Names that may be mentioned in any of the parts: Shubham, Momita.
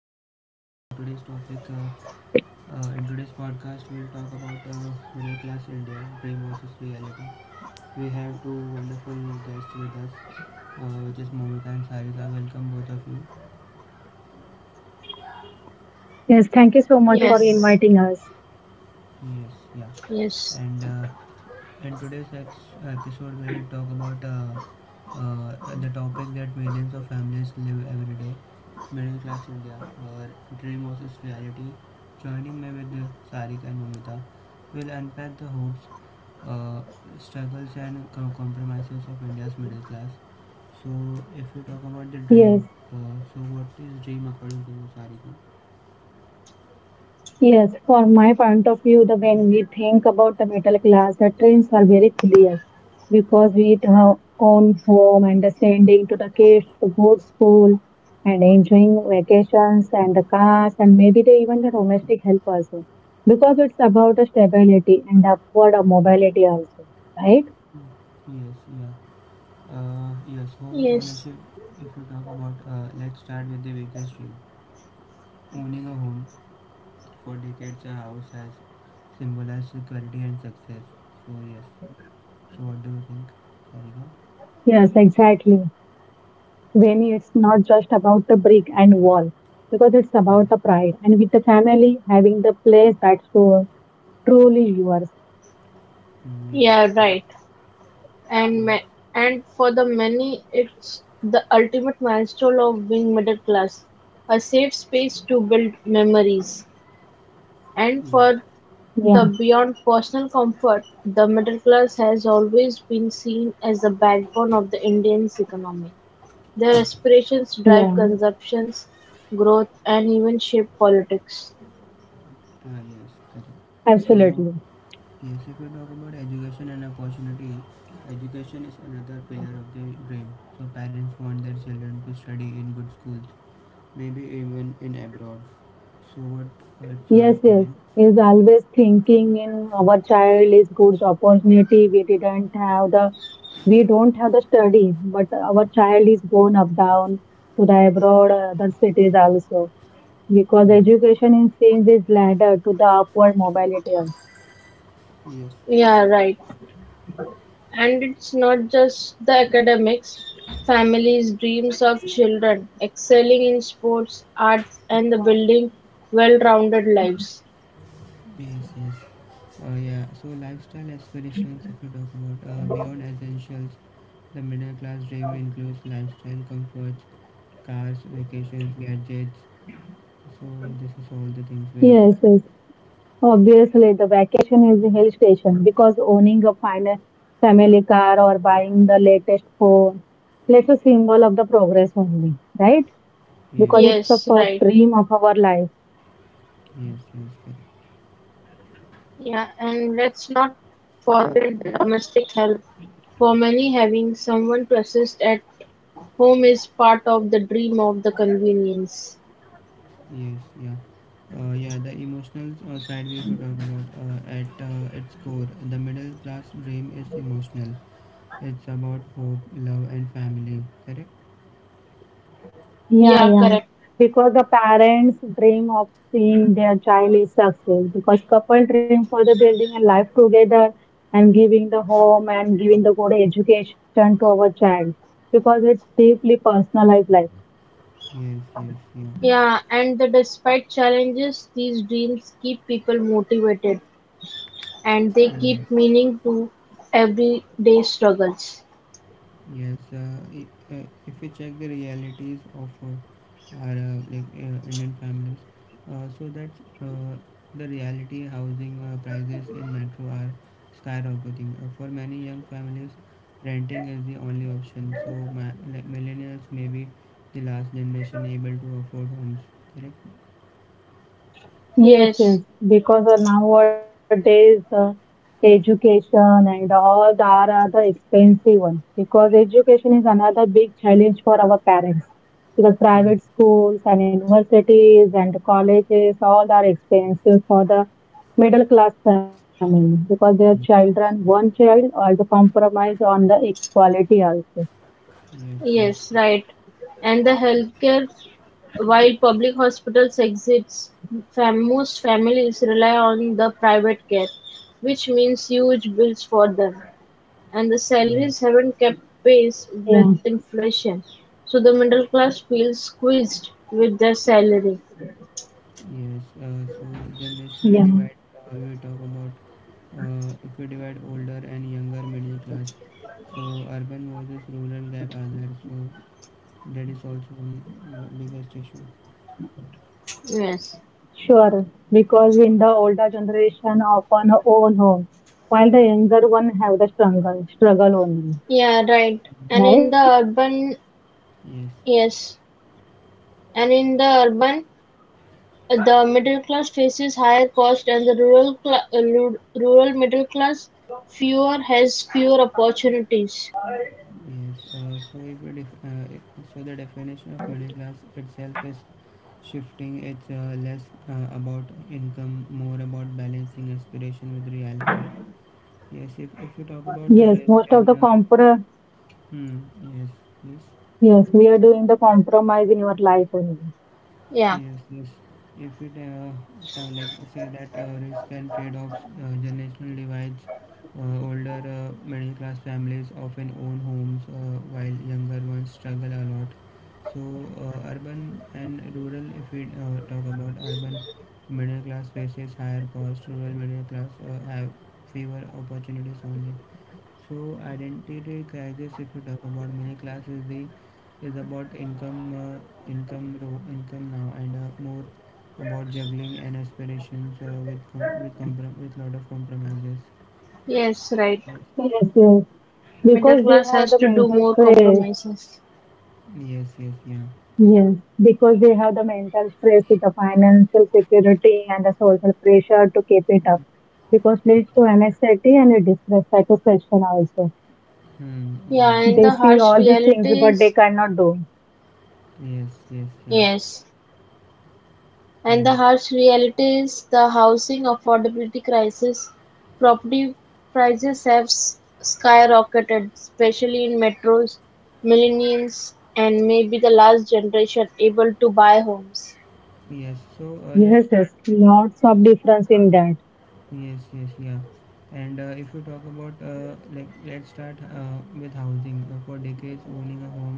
everyone. In today's topic, in today's podcast, we'll talk about middle class India dream versus reality. We have two wonderful guests with us, which is Momita and Sarika. Welcome both of you. Yes, thank you so much for Yes, inviting us. Yes, yeah. yes, And in today's episode, we will talk about the topic that millions of families live every day, middle class India, where dream versus reality. Joining me with Sarik and Mamita, we'll unpack the hopes, uh, struggles, and compromises of India's middle class. So, if we talk about the Yes, dream, so what is dream according to you, Sarika? yes, from my point of view, the when we think about the middle class, the trends are very clear because we eat our own home and sending to the kids to good school and enjoying vacations and the cars and maybe the, even the domestic help also because it's about the stability and upward mobility also, right? Mm, yes, yeah. Yes, home yes. ownership. If you talk about, let's start with the biggest dream. Owning a home, for decades, a house has symbolized security and success. So yes. So what do you think, Yes, Sarika? exactly. Vani, it's not just about the brick and wall, because it's about the pride Yes. and with the family having the place that's so truly yours. Mm, yes. Yeah, right. Correct. And ma- Yes. and for the many, it's the ultimate milestone of being middle class, a safe space to build memories. And Yes. for Yeah, the beyond personal comfort, the middle class has always been seen as the backbone of the Indian's economy. Their aspirations drive yeah, consumptions, growth, and even shape politics. Yes. Correct. So absolutely. yes, if you talk about education and opportunity, education is another pillar of the dream. So parents want their children to study in good schools, maybe even in abroad. So what? What's your Yes, yes. opinion? Is always thinking in our child is good opportunity. We didn't have the, we don't have the study, but our child is going up down to the abroad, other cities also because Yeah. education in change is ladder to the upward mobility. Also. Yes. Yeah, right. And it's not just the academics, families' dreams of children excelling in sports, arts, and the building well rounded lives. Yes, yes. Yeah. So lifestyle aspirations, if we talk about beyond essentials, the middle class dream includes lifestyle comforts, cars, vacations, gadgets. So this is all the things we require. Yes, yes. Obviously, the vacation is a hill station because owning a fine family car or buying the latest phone, that's a symbol of the progress only, right? Yes. Because it's the Yes, first right. dream of our life. Yes. Yes. Correct. Yeah, and let's not forget the domestic help. For many, having someone to assist at home is part of the dream of the convenience. Yes. Yeah. Yeah, the emotional side we could talk about at its core. The middle class dream is emotional. It's about hope, love, and family, correct? Yeah, Yeah, yeah. correct. Because the parents dream of seeing their child is success. Because couple dream for the building a life together and giving the home and giving the good education to our child. Because it's deeply personalized life. Yes, yes, yeah. Yeah, and the despite challenges, these dreams keep people motivated. And they Mm, give meaning to everyday struggles. yes, if we check the realities of our Indian families, so that's the reality, housing prices in metro are skyrocketing. For many young families, renting is the only option. So like millennials may be the last generation able to afford homes, correct? Yes, Yes, yes, because of nowadays the education and all the are the expensive one. Because education is another big challenge for our parents. Because Mm, private schools and universities and colleges all are expensive for the middle class family because their mm. children, one child, or the compromise on the equality also. Yes, yes, yes, yes. right. And the healthcare, while public hospitals exist, most families rely on the private care, which means huge bills for them. And the Yes. salaries haven't kept Yeah, pace with inflation. So the middle class feels squeezed with their salary. Yes, so generational yeah. divide, we talk about if we divide older and younger middle class, so urban versus rural gap are there, so that is also one biggest issue. Yes. Sure, because in the older generation often own home, while the younger one have the struggle, struggle only, Yeah, right. And right? in the urban, Yes, yes. And in the urban, the middle class faces higher costs and the rural middle class fewer has fewer opportunities. yes. So if we so the definition of middle class itself is shifting. It's less about income, more about balancing aspiration with reality. Yes, if we talk about Yes, risk most of the and compro, hmm, yes, yes. yes, we are doing the compromise in your life only. Yeah. Yes, yes. If it like say that risk and trade-offs, generational divides, older middle-class families often own homes while younger ones struggle a lot. So urban and rural, if we talk about urban middle class faces higher cost, rural middle class have fewer opportunities only. So identity crisis, if you talk about middle class, is the is about income, income now, and more about juggling and aspirations with lot of compromises. Yes, right. Yes, Yes, yes, Middle because they class have has the to do mental more stress. compromises. yes, yes, yeah. Yes, because they have the mental stress with the financial security and the social pressure to keep it up, because leads to anxiety and a dissatisfaction also. Hmm. Yeah, Yes, yeah. and They the see harsh all these things, reality but they is cannot do. Yes, yes, yeah. yes. And the Hmm. harsh reality is the housing affordability crisis. Property prices have skyrocketed, especially in metros. Millennials and maybe the last generation able to buy homes. Yes. So let's Yes, start. yes, lots of difference in that. Yes, yes, yeah. And if you talk about like let's start with housing. For decades, owning a home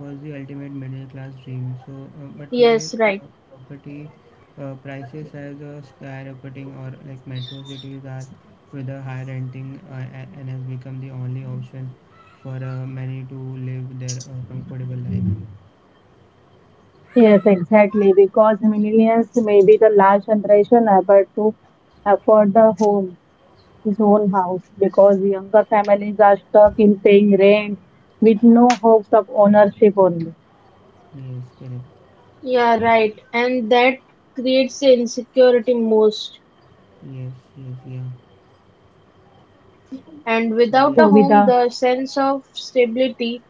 was the ultimate middle class dream. So, but today, Yes, right. uh, property prices has skyrocketing, or like metro cities are with a high renting and has become the only option for many to live their comfortable life. Yes, exactly. Because millennials may be the last generation ever to afford the home, his own house, because younger families are stuck in paying rent with no hopes of ownership only. Yes, correct. Yeah, right. And that creates the insecurity most. Yes, yes, yeah. And So without yes, a So with home, the. the sense of stability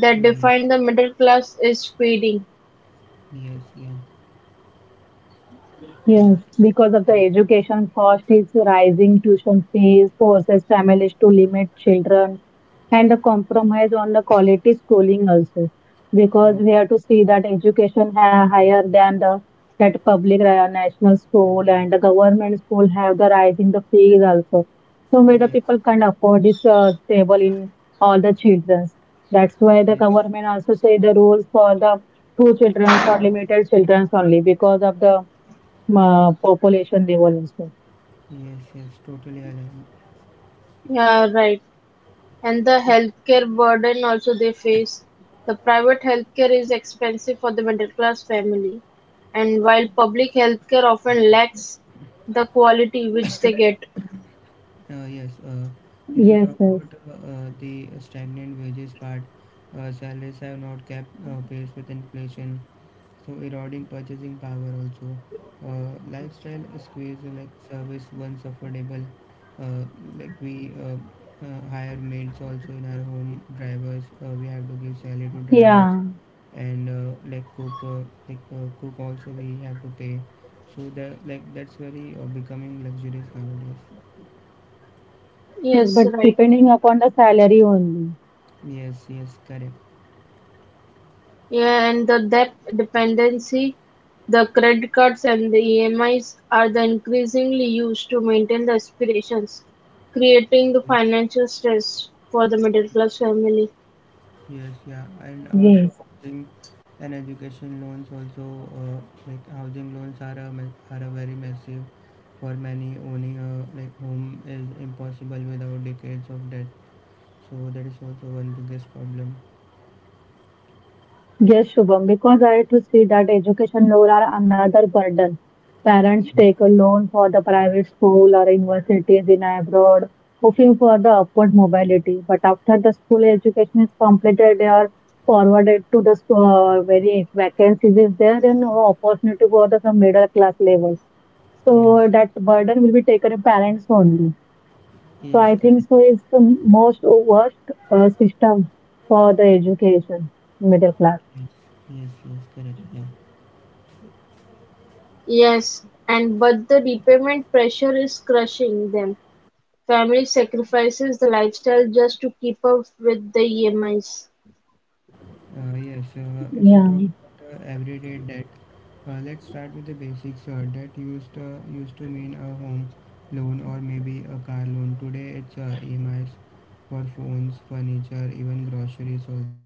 that mm, defined the middle class is fading. yes, yeah, yes, Yes, because of the and education cost is rising, tuition fees forces families to limit children, and the compromise on the quality schooling also, because we have to see that education ha higher than the that public national school and the government school have the rising the fees also. So many yes, people can't afford this stable in all the childrens. That's why the yes, government also say the rules for the two childrens or limited childrens only because of the population level also. yes, yes, totally aligned. Yeah, right. And the healthcare burden also they face. The private healthcare is expensive for the middle class family, and while public healthcare often lacks the quality which they get. Yes, if you Yes, talk yes. about the stagnant wages part, salaries have not kept pace with inflation, so eroding purchasing power also. Lifestyle squeeze, like service once affordable, uh, like we hire maids also in our home, drivers, we have to give salary to drivers, Yeah, and cook also we have to pay, so the like that's very becoming luxurious nowadays. yes, but Yes, right. depending upon the salary only. Yes, yes, correct. Yeah, and the debt dependency, the credit cards and the EMIs are the increasingly used to maintain the aspirations, creating the Yes, financial stress for the middle class family. yes, yeah. And also Yes. housing and education loans also, like housing loans are are a very massive, for many owning a like home is impossible without decades of debt, so that is also one biggest problem. Yes, Shubham, because I had to see that education loan are another burden. Parents take a loan for the private school or universities in abroad, hoping for the upward mobility. But after the school education is completed, they are forwarded to the very vacancies is there and no opportunity for the some middle class level. Yes, So that burden will be taken in parents only. So yes, I think correct. so is the most worst system for the education, middle class. Yes, yes, yes, correct, yeah. Yes, and but the repayment pressure is crushing them. Family sacrifices the lifestyle just to keep up with the EMIs. Yes, if you Yeah, talk about everyday debt, let's start with the basics. Debt used to mean a home loan or maybe a car loan. Today, it's EMIs for phones, furniture, even groceries. Also,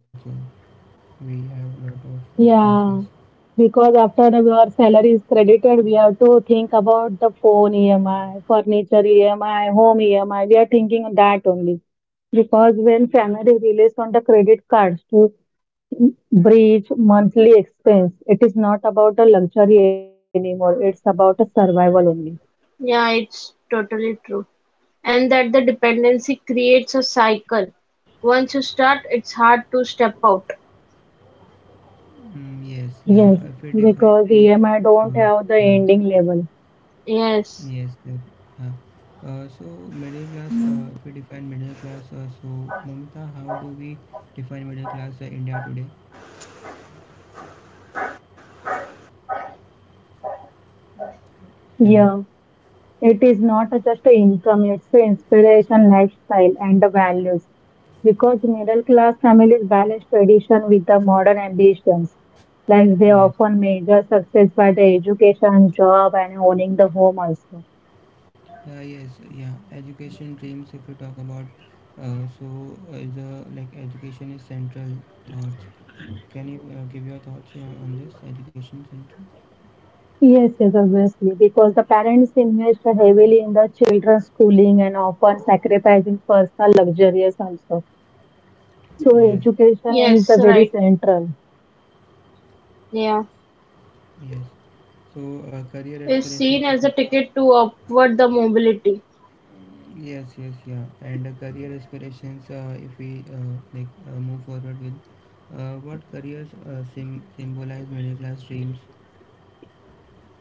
we have a lot of expenses. yeah. Because after the, our salary is credited, we have to think about the phone EMI, furniture EMI, home EMI. We are thinking on that only. Because when family relies on the credit cards to bridge monthly expense, it is not about the luxury anymore. It's about the survival only. Yeah, it's totally true. And that the dependency creates a cycle. Once you start, it's hard to step out. Mm, yes, yeah. If we Yes, define the, because EMI uh, don't mm, have the ending level. yes, Yes. that, yeah. So middle class. If we define middle class, so Mamita, how do we define middle class India today? Hello. Yeah, it is not just a income, it's an inspiration, lifestyle, and the values. Because middle class families balance tradition with the modern ambitions. Like they Yes, often measure success by the education, job, and owning the home also. Yes, yeah. Education dreams, if you talk about, is a like education is central thoughts. Can you give your thoughts on this education central? Yes, yes, obviously, because the parents invest heavily in the children's schooling and often sacrificing personal luxuries also. So Yes, education Yes, is the right. very central. Yeah. yes. So career Is aspirations, seen if you as a talk. ticket to upward the mobility. Yes, yes, yeah. And career aspirations, if we like move forward with, what careers symbolize middle class dreams?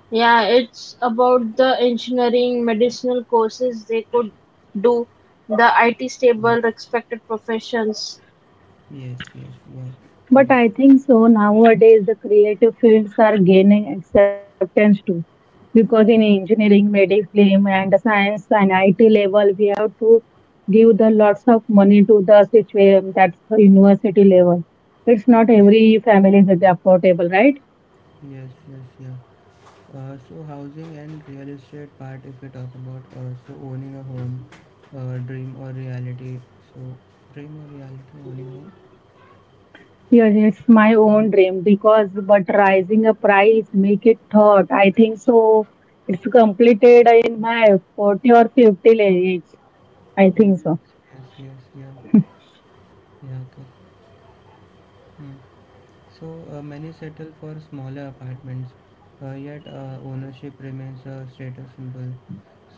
Yeah, it's about the engineering, medicinal courses they could do, the IT Yes, stable, respected professions. yes, yes, yeah, But correct. I think so nowadays the creative fields are gaining acceptance too. Because in engineering, medicine, and science and IT level, we have to give the lots of money to the situation that's the university level. It's not Yes, yes, every family is affordable, right? yes, yes, yeah. So housing and real estate part, if we talk about, so owning a home, dream or reality, so dream or reality owning a home. Yes, it's my own dream because but rising a price make it thought. I think so. It's completed in my 40 or 50 age. I Mm, think so. yes, yes, yeah, yeah, okay. Hmm. So many settle for smaller apartments, yet ownership remains a status symbol,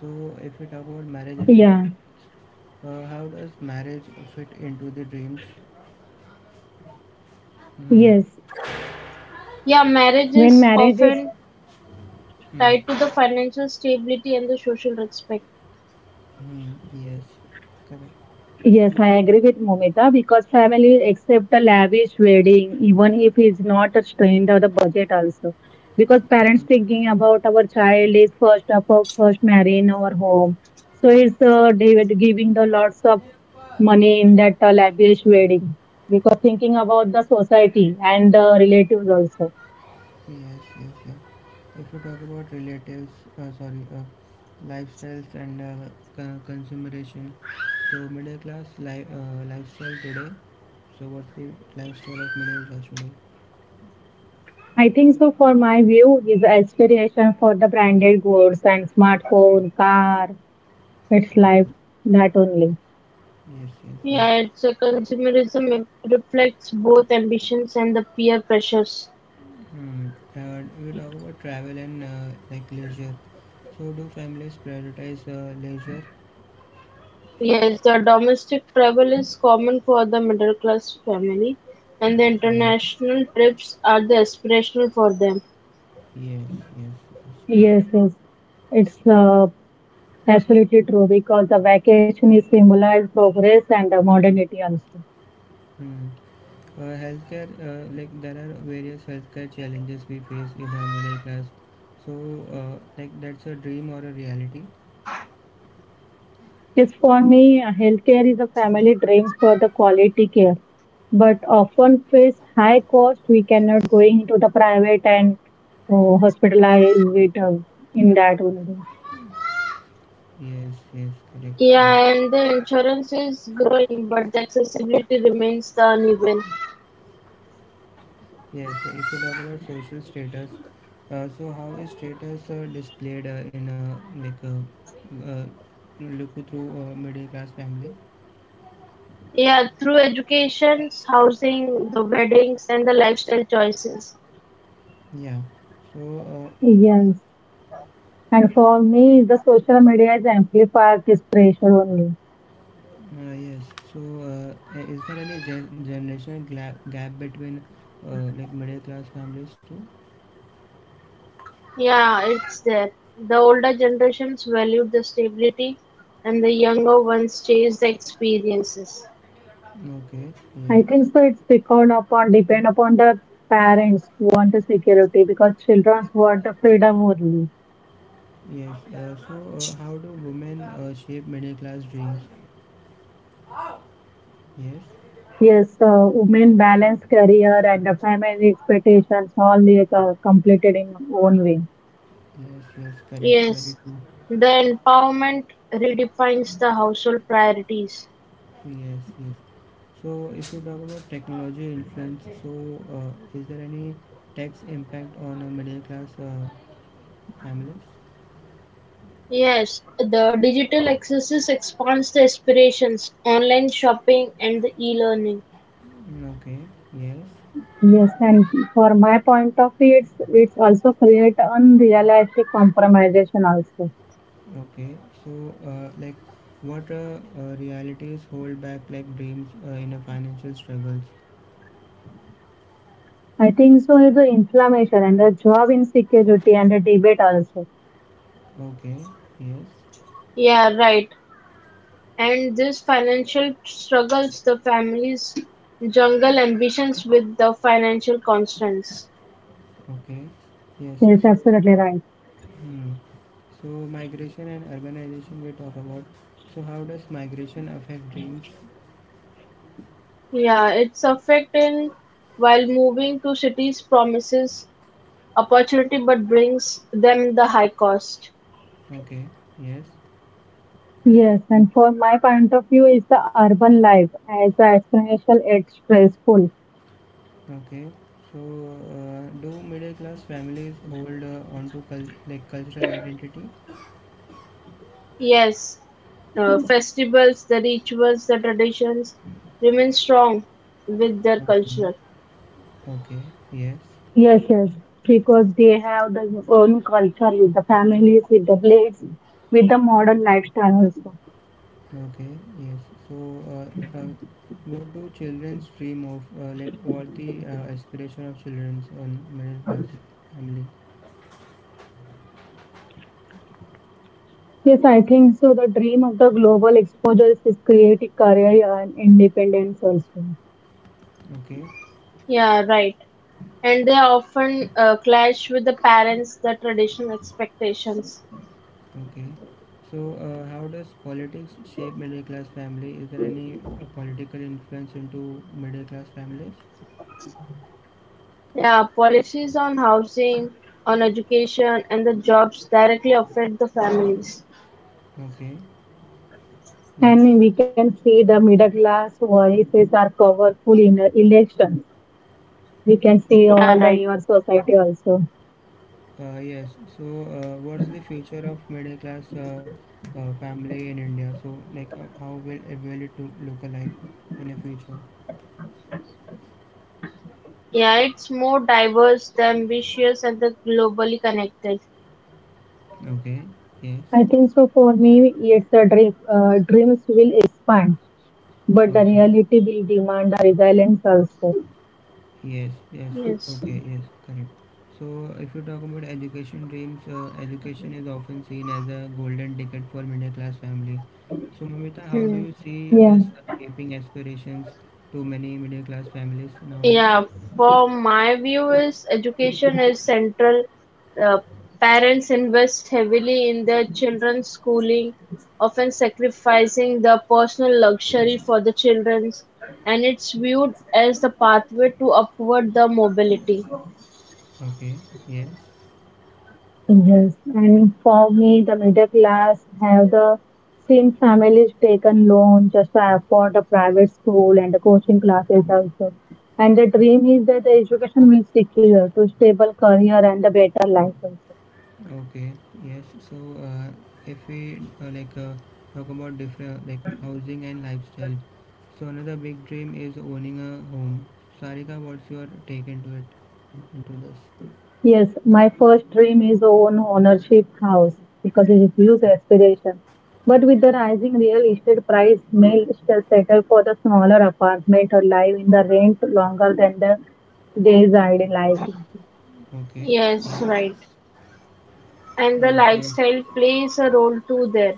so if we talk about marriage Yeah. expectations, how does marriage fit into the dreams? Hmm. Yes. Yeah, marriage When is marriage is, often Hmm. tied to the financial stability and the social respect. Hmm. Yes, correct. yes, I agree with Momita because family accept a lavish wedding even if it's not a strained or the budget also. Because parents Hmm. thinking about our child is first up of first marry in our home. So it's they were giving the lots of money in that lavish wedding because thinking about the society and the relatives also. Yes, yes, yes. If you talk about relatives, uh, sorry, uh, lifestyles and consumeration, so middle class lifestyle today. So what's the lifestyle of middle class today? I think so for my view is aspiration for the branded goods and smartphone, car, It's life, that only. Yes, yes, yeah. Yeah, it's a consumerism it reflects both ambitions and the peer pressures. Hmm. We talk about travel and like leisure. So do families prioritize leisure? Yes, the domestic travel is common for the middle class family, and the Yes, international trips are the aspirational for them. yes, yes, yes, correct. Yes, yes. It's absolutely true because the vacation is symbolized progress and the modernity also. Hmm. Healthcare, like there are various healthcare challenges we face in our middle class. So, like that's a dream or a reality. Yes, for me, healthcare is a family dreams for the quality care, but often face high cost. We cannot going into the private and hospitalize with in that only. Yes, yes, correct. Yeah, Yeah, and the insurance is growing, but the accessibility remains the uneven. yes. So if you talk about social status, so how is status displayed in a like a uh, look through a middle class family? Yeah, through educations, housing, the weddings, and the lifestyle choices. Yeah. So, uh, Yes, and for me, the social media is amplified this pressure only. Yes. So, is there any generation gap between like middle class families too? Yeah, it's there. The older generations value the stability, and the younger ones chase the experiences. Okay, I yes, think so. It's depend upon the parents want the security because children want the freedom only. yes. So, how do women shape middle class dreams? Yes, Yes, women balance career and the family expectations all they are completed in own way. yes, yes, correct, very Yes, true. the empowerment redefines the household priorities. Yes, yes. So, if you talk about technology influence, so uh, is there any tax impact on middle class families? Yes, the digital accesses expands the aspirations, online shopping and the e-learning. Mm, okay, yes, Yes, and for my point of view, it's also create unrealistic compromisation also. okay. So, like, what realities hold back like dreams in a financial struggles? I think so is the inflammation and the job insecurity and the debate also. Okay, yes, Yeah, right. And this financial struggles the families jungle ambitions with the financial constraints. okay, yes. Yes, So, absolutely uh, right. hmm. So migration and urbanization we talk about. So how does migration affect dreams? Yeah, it's affecting while moving to cities promises opportunity but brings them the high cost. Okay. Yes. Yes, and for my point of view, is the urban life as the explanation, it's stressful. Okay. So do middle class families hold onto like cultural identity? Yes, the festivals, the rituals, the traditions remain strong with their Okay. culture. Okay. Yes. Yes, yes, because they have their own culture with the families, with the blades, with the modern lifestyle also. Okay. Yes. So uh, uh, what do children's dream of? Like what the aspiration of children's in middle class family? Yes, I think so. The dream of the global exposure is creating career and independence also. Okay. Yeah, right. And they often clash with the parents, the traditional expectations. Okay. So, how does politics shape middle class family? Is there any political influence into middle class families? Yeah, policies on housing, on education, and the jobs directly affect the families. Okay. Yes. And we can see the middle class voices are powerful in elections. We can see Yeah, all the right. your society also. Yes. So, what's the future of middle class family in India? So, like, how will it to look like in the future? Yeah, it's more diverse, the ambitious, and the globally connected. Okay. Yes. I think so for me, it's a dream, dreams will expand, but the Okay. reality will demand a resilience also. Yes, yes, Yes. okay, yes, correct. So, if you talk about education dreams, education is often seen as a golden ticket for middle class family. So, Mamita, how do Hmm. you see Yeah, this shaping aspirations to many middle class families nowadays? Yeah, for my view is education is central. Uh, Parents invest heavily in their children's schooling, often sacrificing their personal luxury for the children's, and it's viewed as the pathway to upward the mobility. Okay, yes, yes. And for me, the middle class have the seen families taken loan just to afford a private school and the coaching classes also. And the dream is that the education will secure to stable career and a better life also. okay, yes. So, uh, if we like talk about different like housing and lifestyle, so another big dream is owning a home. Sarika, what's your take into it, into this? Yes, my first dream is own ownership house because it is huge aspiration. But with the rising real estate price, male still settle for the smaller apartment or live in the rent longer than the days idealizing. Okay. Yes, Yeah. right. And the Yes. Lifestyle plays a role too there: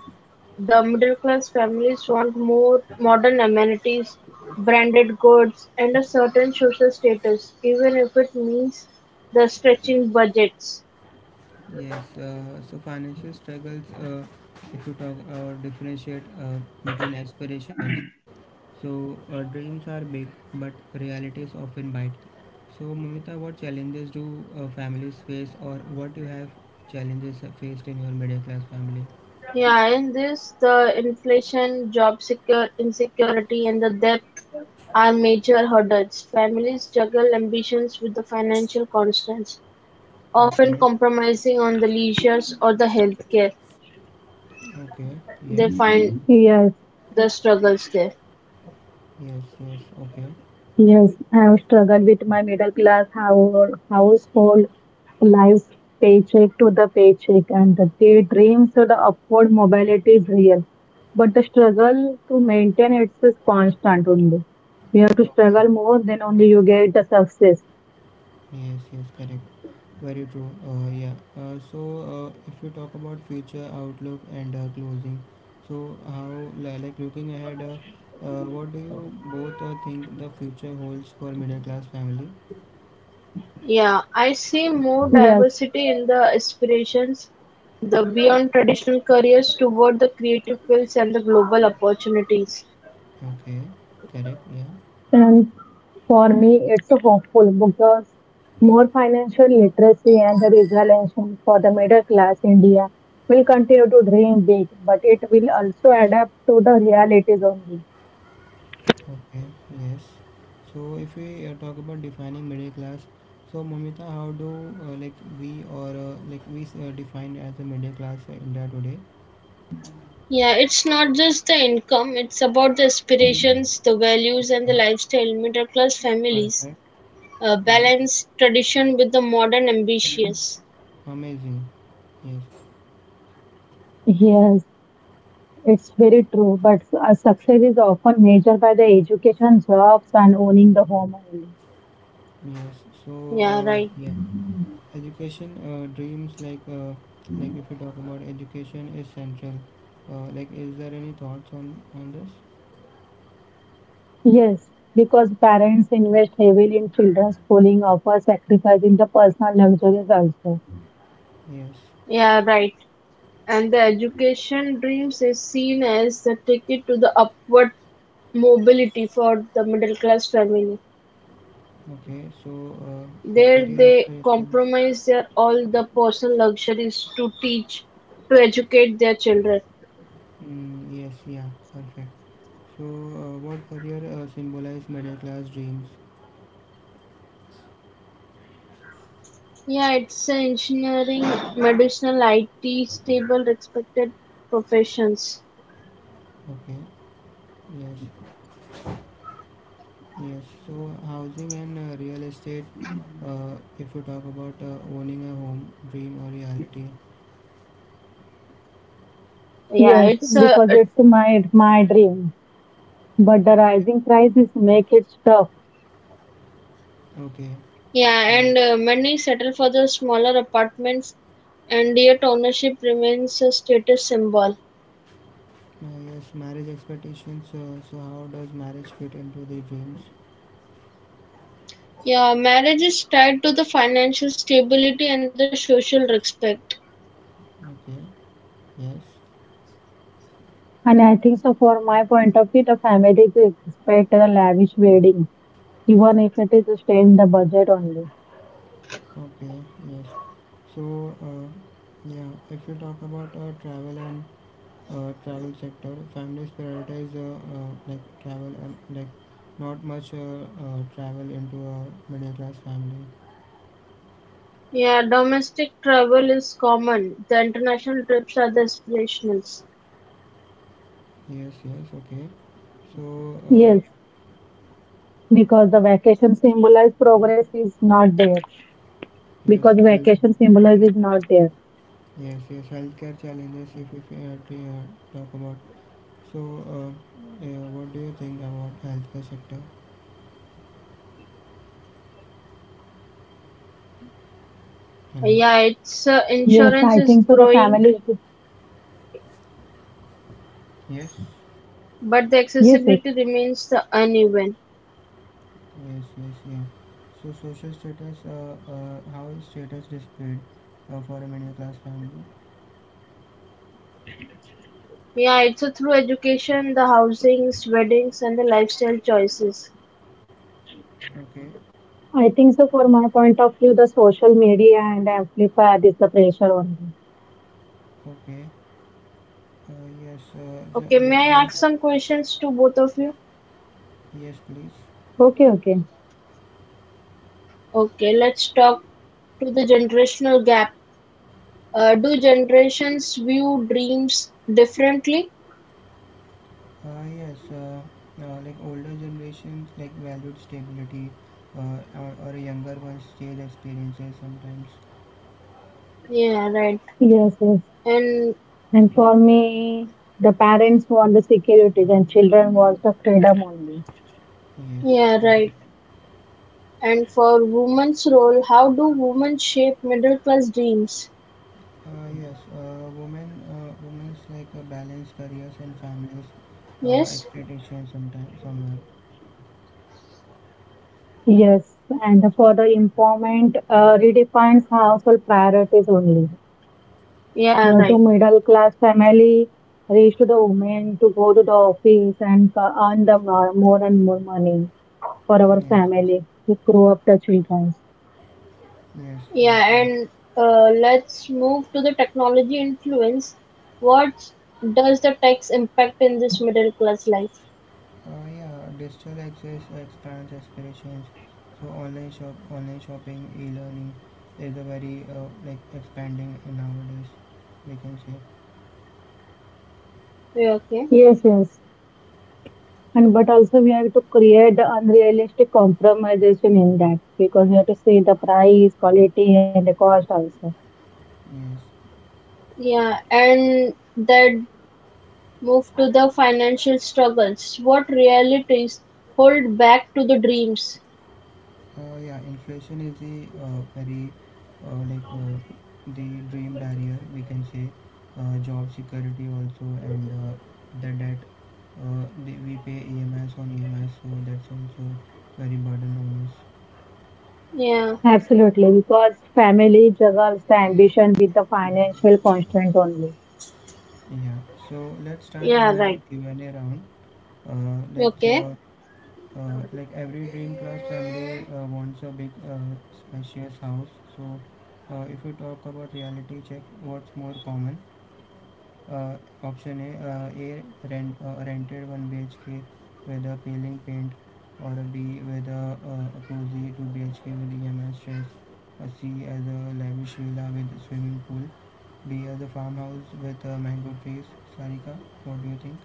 the middle-class families want more modern amenities, branded goods, and a certain social status, even if it means the stretching budgets. Yes. So financial struggles. If you talk or differentiate between aspirations, so dreams are big, but realities often bite. So Mumita, what challenges do families face, or what you have challenges faced in your middle class family? Yeah, in this, the inflation, job secure insecurity, and the debt are major hurdles. Families juggle ambitions with the financial constraints, often Okay. compromising on the leisures or the healthcare. Okay. Yes. They find Yes. the struggles there. Yes. Yes. Okay. Yes, I have struggled with my middle class household life's paycheck to the paycheck, and the day dreams of the upward mobility is real. But the struggle to maintain it is constant only. You have to struggle more, then only you get the success. Yes, yes, correct. Very true. Yeah. So, if we talk about future outlook and closing, so how like looking ahead, what do you both think the future holds for middle class family? Yeah, I see more Yes, diversity in the aspirations, the beyond traditional careers toward the creative fields and the global opportunities. Okay, correct. Yeah. and for me, it's a hopeful because more financial literacy and the resilience for the middle class India will continue to dream big, but it will also adapt to the realities only. Okay. Yes. So, if we talk about defining middle class, so Momita, how do like we or like we define as a middle class in India today? Yeah, it's not just the income, it's about the aspirations, the values, and the Yeah. lifestyle. Middle class families Perfect. Yes. balance tradition with the modern ambitious. Amazing. Yes. Yes, it's very true, but a success is often measured by the education, jobs, and owning the home only. Yes, so Yeah, right. yeah, education dreams, like if you talk about education is central. Like, is there any thoughts on this? Yes, because parents invest heavily in children's schooling, often sacrificing the personal luxuries also. Yes. Yeah, right. And the education dreams is seen as the ticket to the upward mobility for the middle class family. Okay. So uh, like There career they aspirations. compromise their all the personal luxuries to teach, to educate their children. Mm, yes. Yeah. Perfect. So what career symbolize middle class dreams? Yeah, it's a engineering, medicinal, IT, stable, respected professions. Okay. Yes. Yes. So housing and real estate. If you talk about owning a home, dream or reality. Yeah, Yes, it's a because it's my dream. But the rising prices make it tough. Okay. Yeah, Yes. and many settle for the smaller apartments, and yet ownership remains a status symbol. Yes, marriage expectations. So, how does marriage fit into the dreams? Yeah, marriage is tied to the financial stability and the social respect. Okay, yes, And I think so for my point of view, the family to expect a lavish wedding, even if it is stay in the budget only. okay, yes. So, yeah, if you talk about travel and travel sector, families prioritize like travel and like not much travel into a middle class family. Yeah, domestic travel is common. The international trips are the aspirationals. Yes, yes, okay. So, Yes, because the vacation symbolize progress is not there. Because yes, health, vacation symbolize is not there. yes, yes, healthcare challenges. If we talk about. So, yeah, what do you think about healthcare sector? Hello. Yeah, its Yes, I think insurance so the is family growing, Yes, but the yes, yes. accessibility remains the uneven. yes, yes, yeah. So, social status. How is status displayed for a middle class family? Yeah, it's through education, the housings, weddings, and the lifestyle choices. Okay. I think so for my point of view, the social media and amplify this the pressure only. Okay. Yes. Okay, may I There is ask a some questions to both of you? yes, please. Okay, okay. Okay, let's talk to the generational gap. Do generations view dreams differently? Yes. Like older generations like valued stability, or a younger ones chase experiences sometimes. Yeah, right. Yes, yes. And And for me, the parents want the security, and children want the freedom only. Yes. yeah, Correct. right. And for women's role, how do women shape middle class dreams? Yes, women's like balance careers and families, Yes? expectations sometimes, somewhere. Yes, and for the empowerment, redefines household priorities only. You Yeah, know, Mm. to right. middle class family, reach to the women to go to the office and earn the more and more money for our Yes, family to grow up the children. yes, yes, Yeah, yeah. and let's move to the technology influence. What does the tax impact in this middle class life? Yeah, digital access expands aspirations. So online shopping, e-learning is a very like expanding nowadays. We can say Yeah, okay. Yes, yes. And but also we have to create the unrealistic compromisation in that because we have to see the price, quality, and the cost also. yes. Yeah, and then move to the financial struggles. What realities hold back to the dreams? Yeah, inflation is the very uh, like uh, the dream barrier we can say job security also and the debt we pay EMS on EMS so that's also very burden on us. Yeah, Absolutely, because family juggles the ambition with the financial constraint only. Yeah, so let's start Yeah, one right. Q&A round. Let's okay. Like every dream class family wants a big spacious house. So if we talk about reality check, what's more common? Ah option है ah air rent a rented one BHK वेदा पेलिंग पेंट और B वेदा कूजी two BHK विदिया मैं stress C आज़ा लाइवेशन villa with swimming pool B आज़ा फार्म हाउस विद मैंगोट पेज सारी का कॉट you think.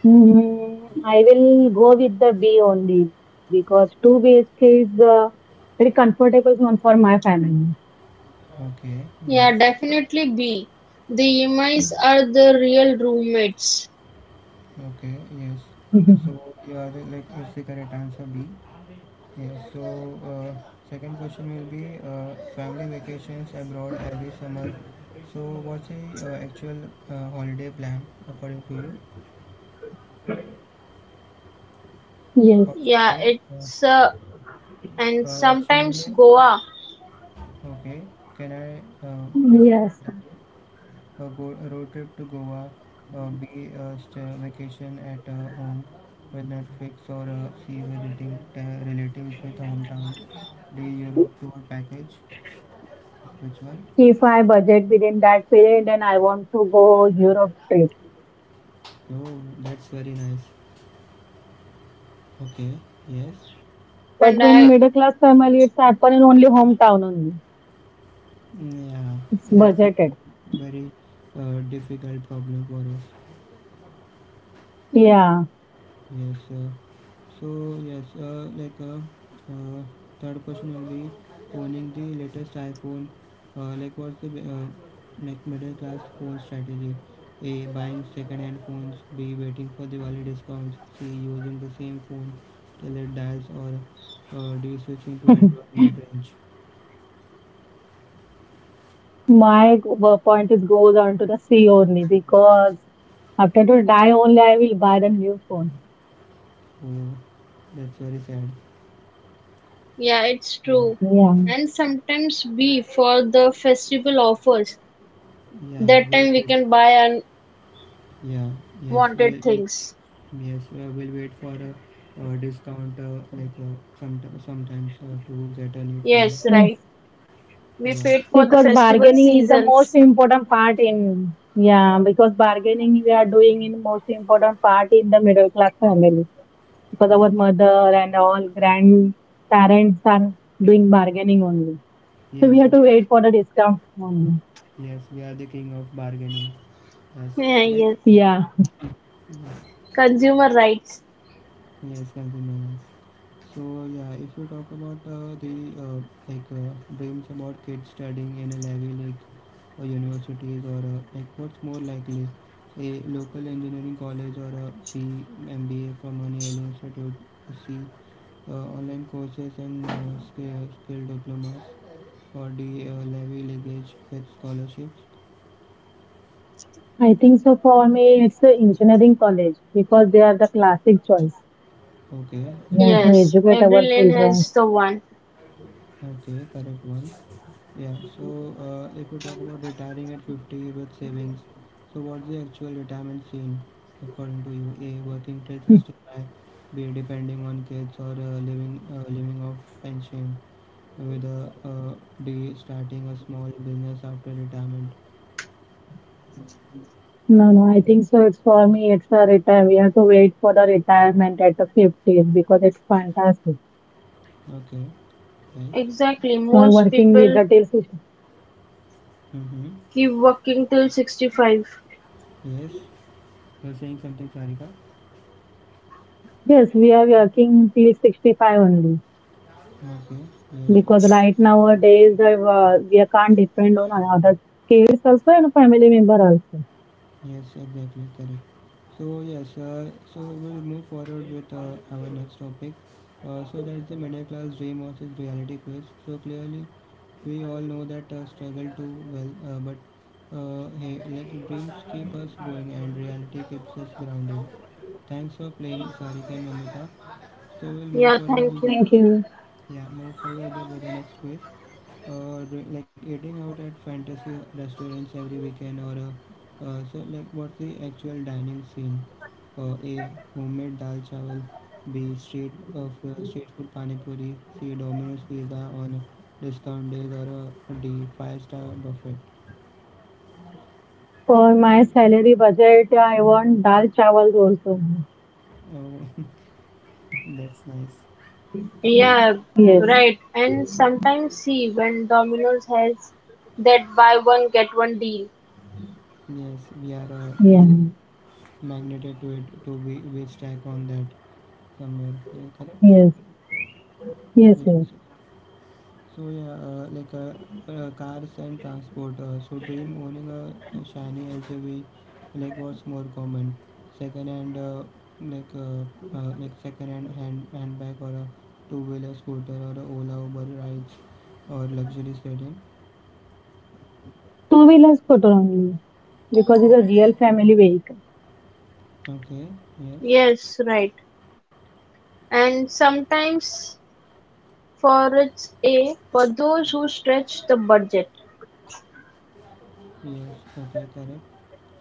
Hmm, I will go with the B only because 2 BHK is a very comfortable one for my family. Okay. Yeah, yes. definitely B. The EMIs are the real roommates. Okay. Yes. So याद है like इससे करें times आ बी. Yes. So uh, second question will be family vacations abroad every summer. So what's the actual holiday plan according to you? Yes, Option Yeah, A. It's uh, and Option sometimes A. Goa Okay, can I uh, like yes. Go a road trip to Goa? B. Vacation at home with Netflix or C. Visiting relatives with hometown. D. Europe tour package. Which one? If I budget within that period, then I want to go Europe trip. Oh, that's very nice. Okay, yes. But and when I. middle class family, it's happen in only hometown only. Mm, yeah, It's that's a budgeted. very difficult problem for us. Yeah. Yes. So yes, uh, third question will be owning the latest iPhone. Like what's the like middle class phone strategy? A buying second-hand phones. B waiting for Diwali discounts. C using the same phone till it dies, or D switching to Android mid-range. My point is goes on to the sea only because after to die only I will buy the new phone. Oh, that's very sad. Yeah, it's Yeah. true. Yeah. And sometimes B for the festival offers. Yeah, That we'll time we wait. can buy Yeah, yes, unwanted we things. yes, we'll wait for a discount, some sometimes to get a new phone. Yes, right. yes. We Yeah, paid for the Because festival bargaining is the most seasons. important part in, yeah, because bargaining we are doing in most important part in the middle class family. Because yes, our mother and all grandparents are doing bargaining only. So yes, we have to we are, wait for the discount only. yes, we are the king of bargaining. Yes, correct. yes. Yeah. Yeah. Consumer rights. Yes, consumers. So yeah, if we talk about the uh, like dreams about kids studying in a Ivy League universities or like what's more likely, a local engineering college or a B MBA from an early institute, C online courses and skill diplomas or the Ivy League with scholarships. I think so for me it's the engineering college because they are the classic choice. Okay, that's Yeah, a to Yes. educate Every our lane children. has the one. okay correct one. Yeah, so if you talk about retiring at 50 with savings, so what's the actual retirement scene according to you? A, working till 65, B, depending on kids or living off pension, with a D, starting a small business after retirement. No, no, I think so. It's for me, it's a retire. We have to wait for the retirement at the 50s because it's fantastic. Okay, nice. Exactly. So I'm Most working with people the till 60. Mm-hmm. keep working till 65. Yes, you're saying something, Sarika? Yes, we are working till 65 only Okay, yes. because right nowadays we can't depend on other kids also and family member also. Yes, exactly, correct. So yes, so we'll move forward with our next topic. So that's the middle class dream versus reality quiz. So clearly, we all know that struggle too well, but hey, like dreams keep us going and reality keeps us grounded. Thanks for playing, Sarika and Mamita. So we'll move Yeah, thank forward you. Thank you. yeah, move forward about the next quiz. Do, like eating out at fantasy restaurants every weekend, or so like what's the actual dining scene? A. Homemade dal chawal. B. Street food pani puri. C. Domino's pizza on discount days, or D. Five star buffet. For my salary budget, I want dal chawal rolls only. Oh, that's nice. Yeah, Yes, right. And sometimes see when Domino's has that buy one get one deal. Yes, we are yeah, very magneted to it. To we stack on that somewhere. Yeah, correct. yes, Yeah. yes. So yeah, cars and transport. So dream owning a shiny SUV, like what's more common, second hand, like uh, like second hand handbag or a two wheeler scooter or a Ola Uber rides or luxury sedan. Two-wheelers scooter only, because it's a real family vehicle. Okay. Yes. Yes, right. And sometimes for its A for those who stretch the budget. Yes. Okay. Correct.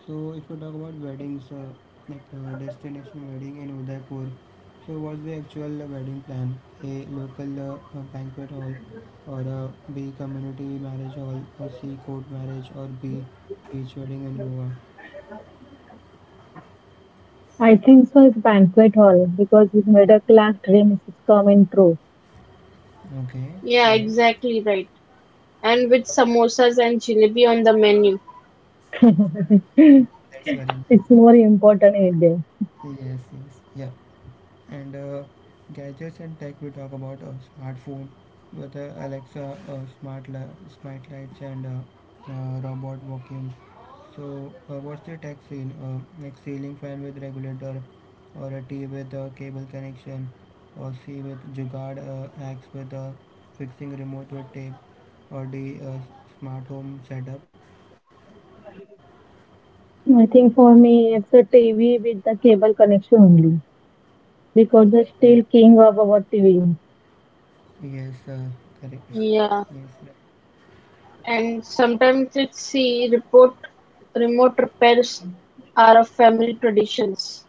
So if you talk about weddings, destination wedding in Udaipur, so what's the actual wedding plan? A local banquet hall, or B community marriage hall, or C court marriage, or B beach wedding in Goa. I think so. It's banquet hall because his middle class dream is coming true. Okay, Yeah, yes, exactly right. And with samosas and jalebi on the menu. mm, that's very nice. It's more important in there. Yes, yes, yeah. And gadgets and tech, we talk about a smartphone, with whether Alexa, smart lights, and robot vacuum. So, what's the tech scene? Like ceiling fan with regulator, or a T with a cable connection, or C with jugaad, X with fixing remote with tape, or D smart home setup. I think for me, it's a TV with the cable connection only because the Okay. still king of our TV. Yes, correct. Yes, Yeah. right. And sometimes it's C report remote repairs are a family traditions.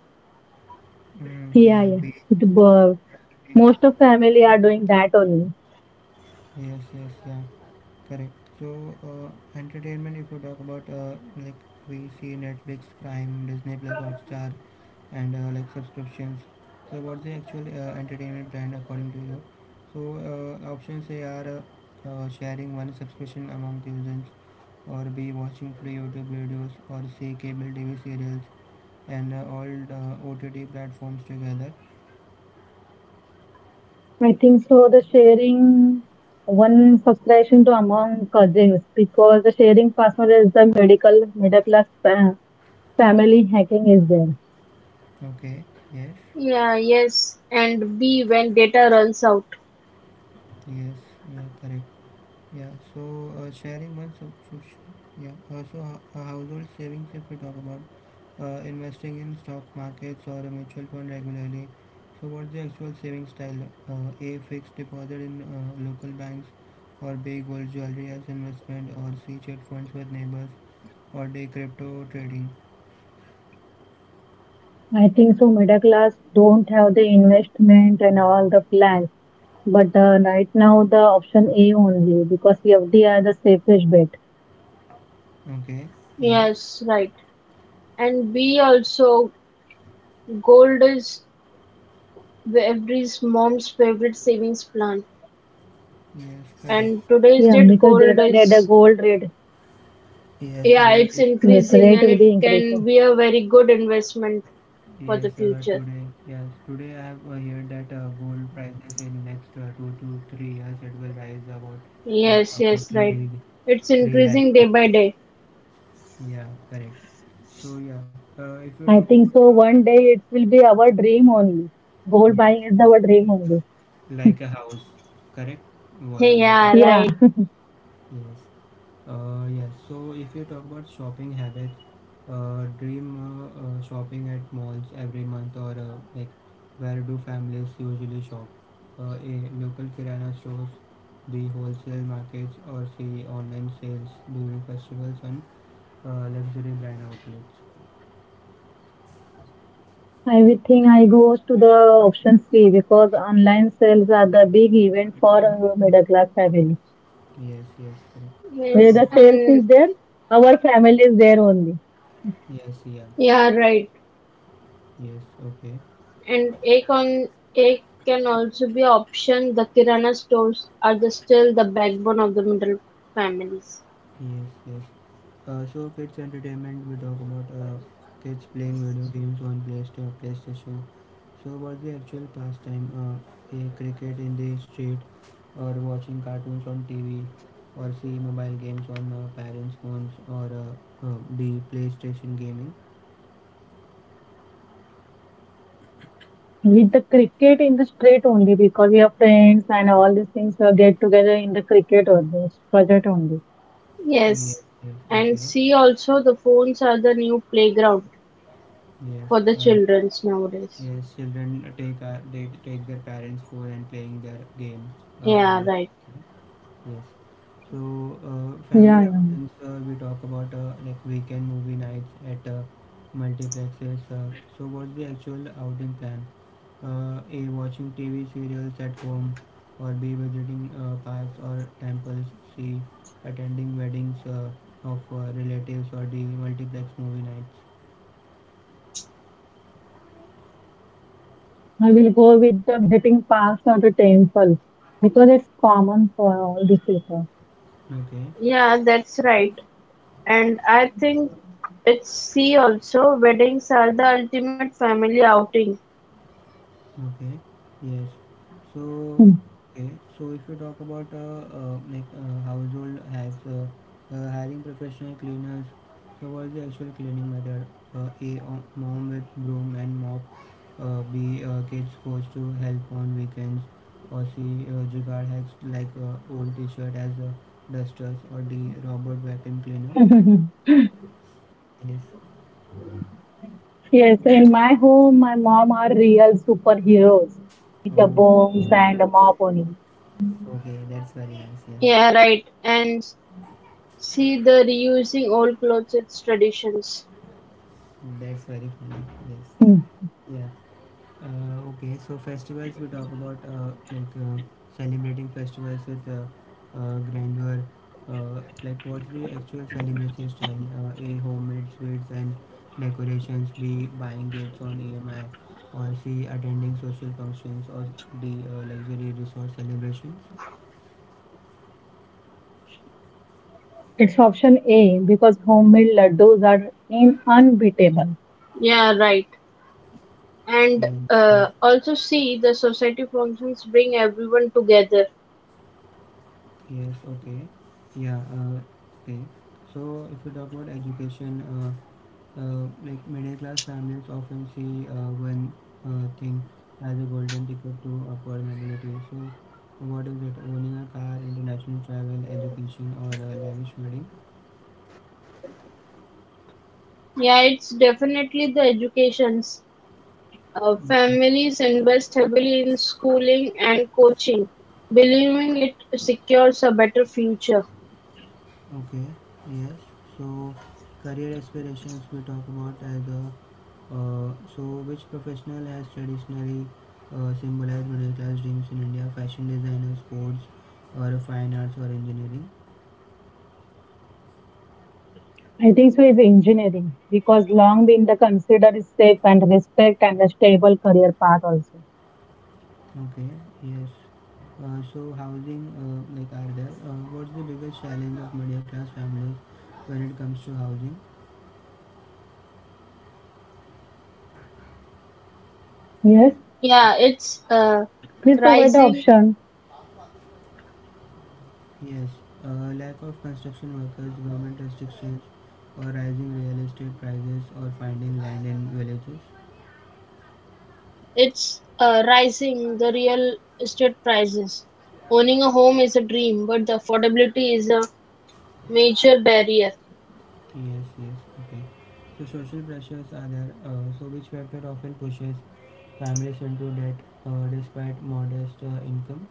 Mm, yeah, Yeah, we, yeah. It, we most of family are doing that only. yes, yes, yeah, correct. So, entertainment, if you talk about like we see Netflix, Prime, Disney Plus, Hotstar, and like subscriptions. So, what's the actual entertainment plan according to you? So, options A are sharing one subscription among users, or B watching free YouTube videos, or C cable TV serials, and all OTT platforms together. I think so. The sharing one subscription to among cousins because the sharing password is the medical middle class pa- family hacking is there. Okay, yes, Yeah, yes, and B when data runs out. yes, yeah, correct. Yeah, so sharing one subscription. Yeah, household savings, if we talk about investing in stock markets or a mutual fund regularly. So, what's the actual saving style? A fixed deposit in local banks, or B gold jewelry as investment, or C trade funds with neighbors, or D crypto trading. I think so. Middle class don't have the investment and all the plans, but right now the option A only because FD are the safest bet. Okay, yes, Yes, right. And B also, gold is every mom's favorite savings plan. yes, correct. And today's Yeah, date, because day gold by day the is, gold rate, Yes, yeah, gold it's is yes, increasing rate and will it be can increasing. be a very good investment for yes, the future. today, yes, today I have heard that gold prices in next 2 to 3 years it will rise about uh, Yes, about yes, three right. It's 3 lakhs increasing or day something. by day. Yeah, correct. So yeah, if you talk I about think so. One day it will be our dream only. Gold yes, buying is our dream only. like a house, correct? Like a Yeah, Yeah. right. yes. Yes. So if you talk about shopping habits, dream shopping at malls every month or like where do families usually shop? A local kirana stores, B wholesale markets, or C online sales during festivals and luxury brand outlets. I will think I goes to the option C because online sales are the big event for middle class family. Yes, yes, correct. Yes, Where the sales and is there, our family is there only. Yes, yeah, yeah, right. yes, okay, And egg on egg can also be option. The kirana stores are the still the backbone of the middle families. yes, yes. So kids entertainment we talk about kids playing video games on PlayStation. So what's the actual pastime? A cricket in the street, or watching cartoons on TV, or see mobile games on parents' phones, or the PlayStation gaming. With the cricket in the street only because we are friends and all these things we get together in the cricket only, budget only. Yes, Yes. yes, And okay, see also the phones are the new playground yes, for the uh, childrens nowadays. yes. Children take they take their parents' phone and playing their games Yeah, on the. right. Yes. So, Yeah, yeah. family outings, we talk about like weekend movie nights at multiplexes. So, what's the actual outing plan? A. Watching TV serials at home, or B. Visiting parks or temples, C. Attending weddings of relatives, or D. Multiplex movie nights. I will go with the visiting parks or the temple because it's common for all these people. Okay. Yeah, that's right. And I think it's see also weddings are the ultimate family outing. Okay. Yes. Hmm. So, okay. So if you talk about household hacks, hiring professional cleaners. So what is the actual cleaning method? A. Mom with broom and mop. B. Kids goes to help on weekends. Or C. Jugaad hacks like old T-shirt as dusters. Or D. Robot vacuum cleaner. Yes. Yes, in my home, my mom are real superheroes with the bombs Oh, and the mop only. okay, that's very nice. Yeah, Yeah, right. And see the reusing old clothes, it's traditions. that's very funny. Yes. Hmm. Yeah. Okay, so festivals we talk about celebrating festivals with grandeur. Uh, like what's the actual celebration style? A homemade sweets and decorations. B buying gifts on EMI. Or C attending social functions. Or D luxury resort celebrations. It's option A because homemade laddus are in unbeatable. Yeah, right. And Yeah, yes, also see the society functions bring everyone together. yes, okay, yeah, okay. So if we talk about education. Like middle class families often see one thing as a golden ticket to upward mobility. So, what is it? Owning a car, international travel, education, or a lavish wedding? Yeah, it's definitely the educations. Okay. Families invest heavily in schooling and coaching believing it secures a better future. Okay. Yes. So, career aspirations we talk about as a so which professional has traditionally symbolized middle class dreams in India? Fashion designer, sports, or fine arts or engineering? I think so is engineering because long been the considered safe and respect and a stable career path also. Okay, yes. So housing, like are there? What's the biggest challenge of middle class families when it comes to housing? Yes, yeah it's uh, please rising provide the option. Yes, lack of construction workers, government restrictions, or rising real estate prices, or finding land in villages. it's rising the real estate prices. Owning a home is a dream but the affordability is a major barrier. Yes, yes, okay. So social pressures are there. So which factor often pushes families into debt despite modest income?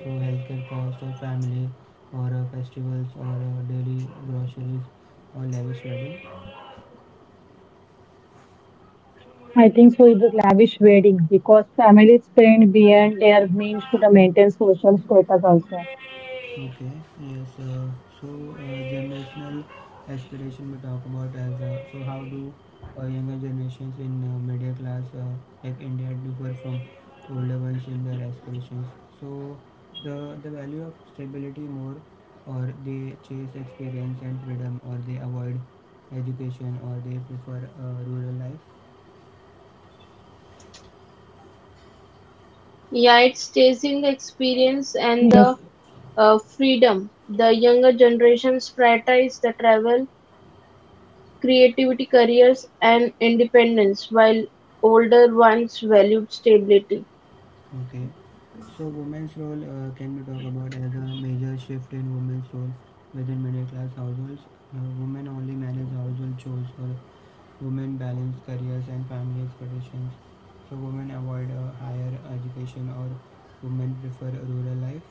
Through healthcare costs or family or festivals or daily groceries or lavish wedding. I think so is lavish wedding because families spend beyond their means to the maintain social status also. Okay, yes. Generational aspiration we talk about as so how do younger generations in middle class like India differ from older ones in their aspirations? So, the value of stability more, or they chase experience and freedom, or they avoid education, or they prefer rural life. Yeah, it's chasing the experience Yes, and the freedom, the younger generations prioritize the travel, creativity, careers, and independence, while older ones valued stability. Okay. So women's role can we talk about as a major shift in women's role within middle class households. Women only manage household chores or women balance careers and family expectations. So women avoid higher education or women prefer rural life.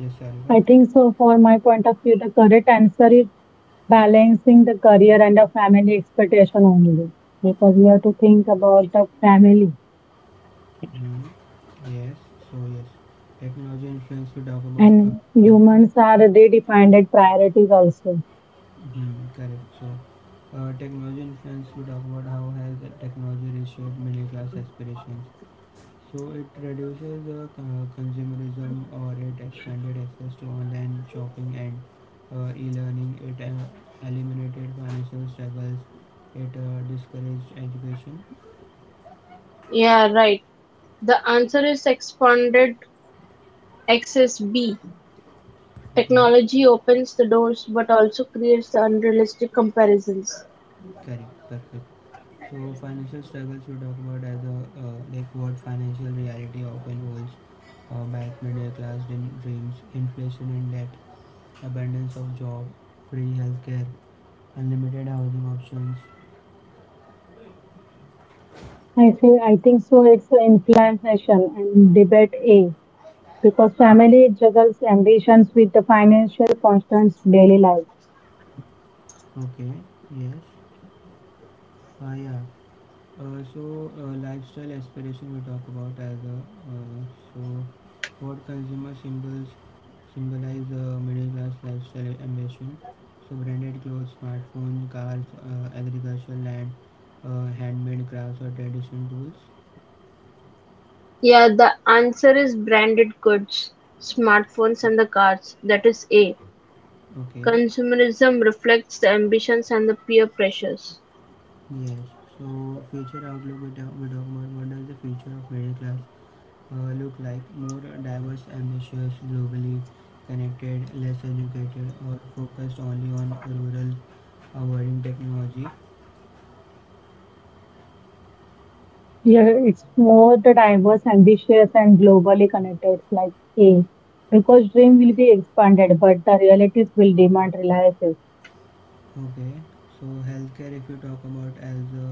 Yes, Sarika. I think so for my point of view the correct answer is balancing the career and the family expectation only because we have to think about the family Hmm. Yes. So yes, technology influence we talk about. and uh, humans are redefined priorities also. mhm, correct. So technology influence we talk about how has technology reshaped middle class aspirations. So it reduces the consumerism or it expanded access to online shopping and e-learning. It eliminated financial struggles. It discouraged education. Yeah, right. The answer is expanded access B. Okay, Technology opens the doors but also creates the unrealistic comparisons. correct, perfect. So financial struggles we talk about as a like what financial reality often holds back middle class dreams, inflation and debt, abundance of job, free healthcare, unlimited housing options. I say, I think so. It's an inflammation and debate A because family juggles ambitions with the financial constraints daily life. Okay, yes, ah yeah. Lifestyle aspiration we talk about as a uh, so what consumer symbols symbolize a middle class lifestyle ambition. So, branded clothes, smartphones, cars, agricultural land, handmade crafts, or traditional tools. Yeah, the answer is branded goods, smartphones, and the cars. That is A. Okay, Consumerism reflects the ambitions and the peer pressures. yes. So, future outlook we talk about what does the future of middle class look like? More diverse, ambitious, globally connected, less educated, or focused only on rural, avoiding technology. Yeah, it's more the diverse, ambitious, and globally connected, like A, because dream will be expanded, but the realities will demand reliances. Okay, so healthcare, if you talk about as a,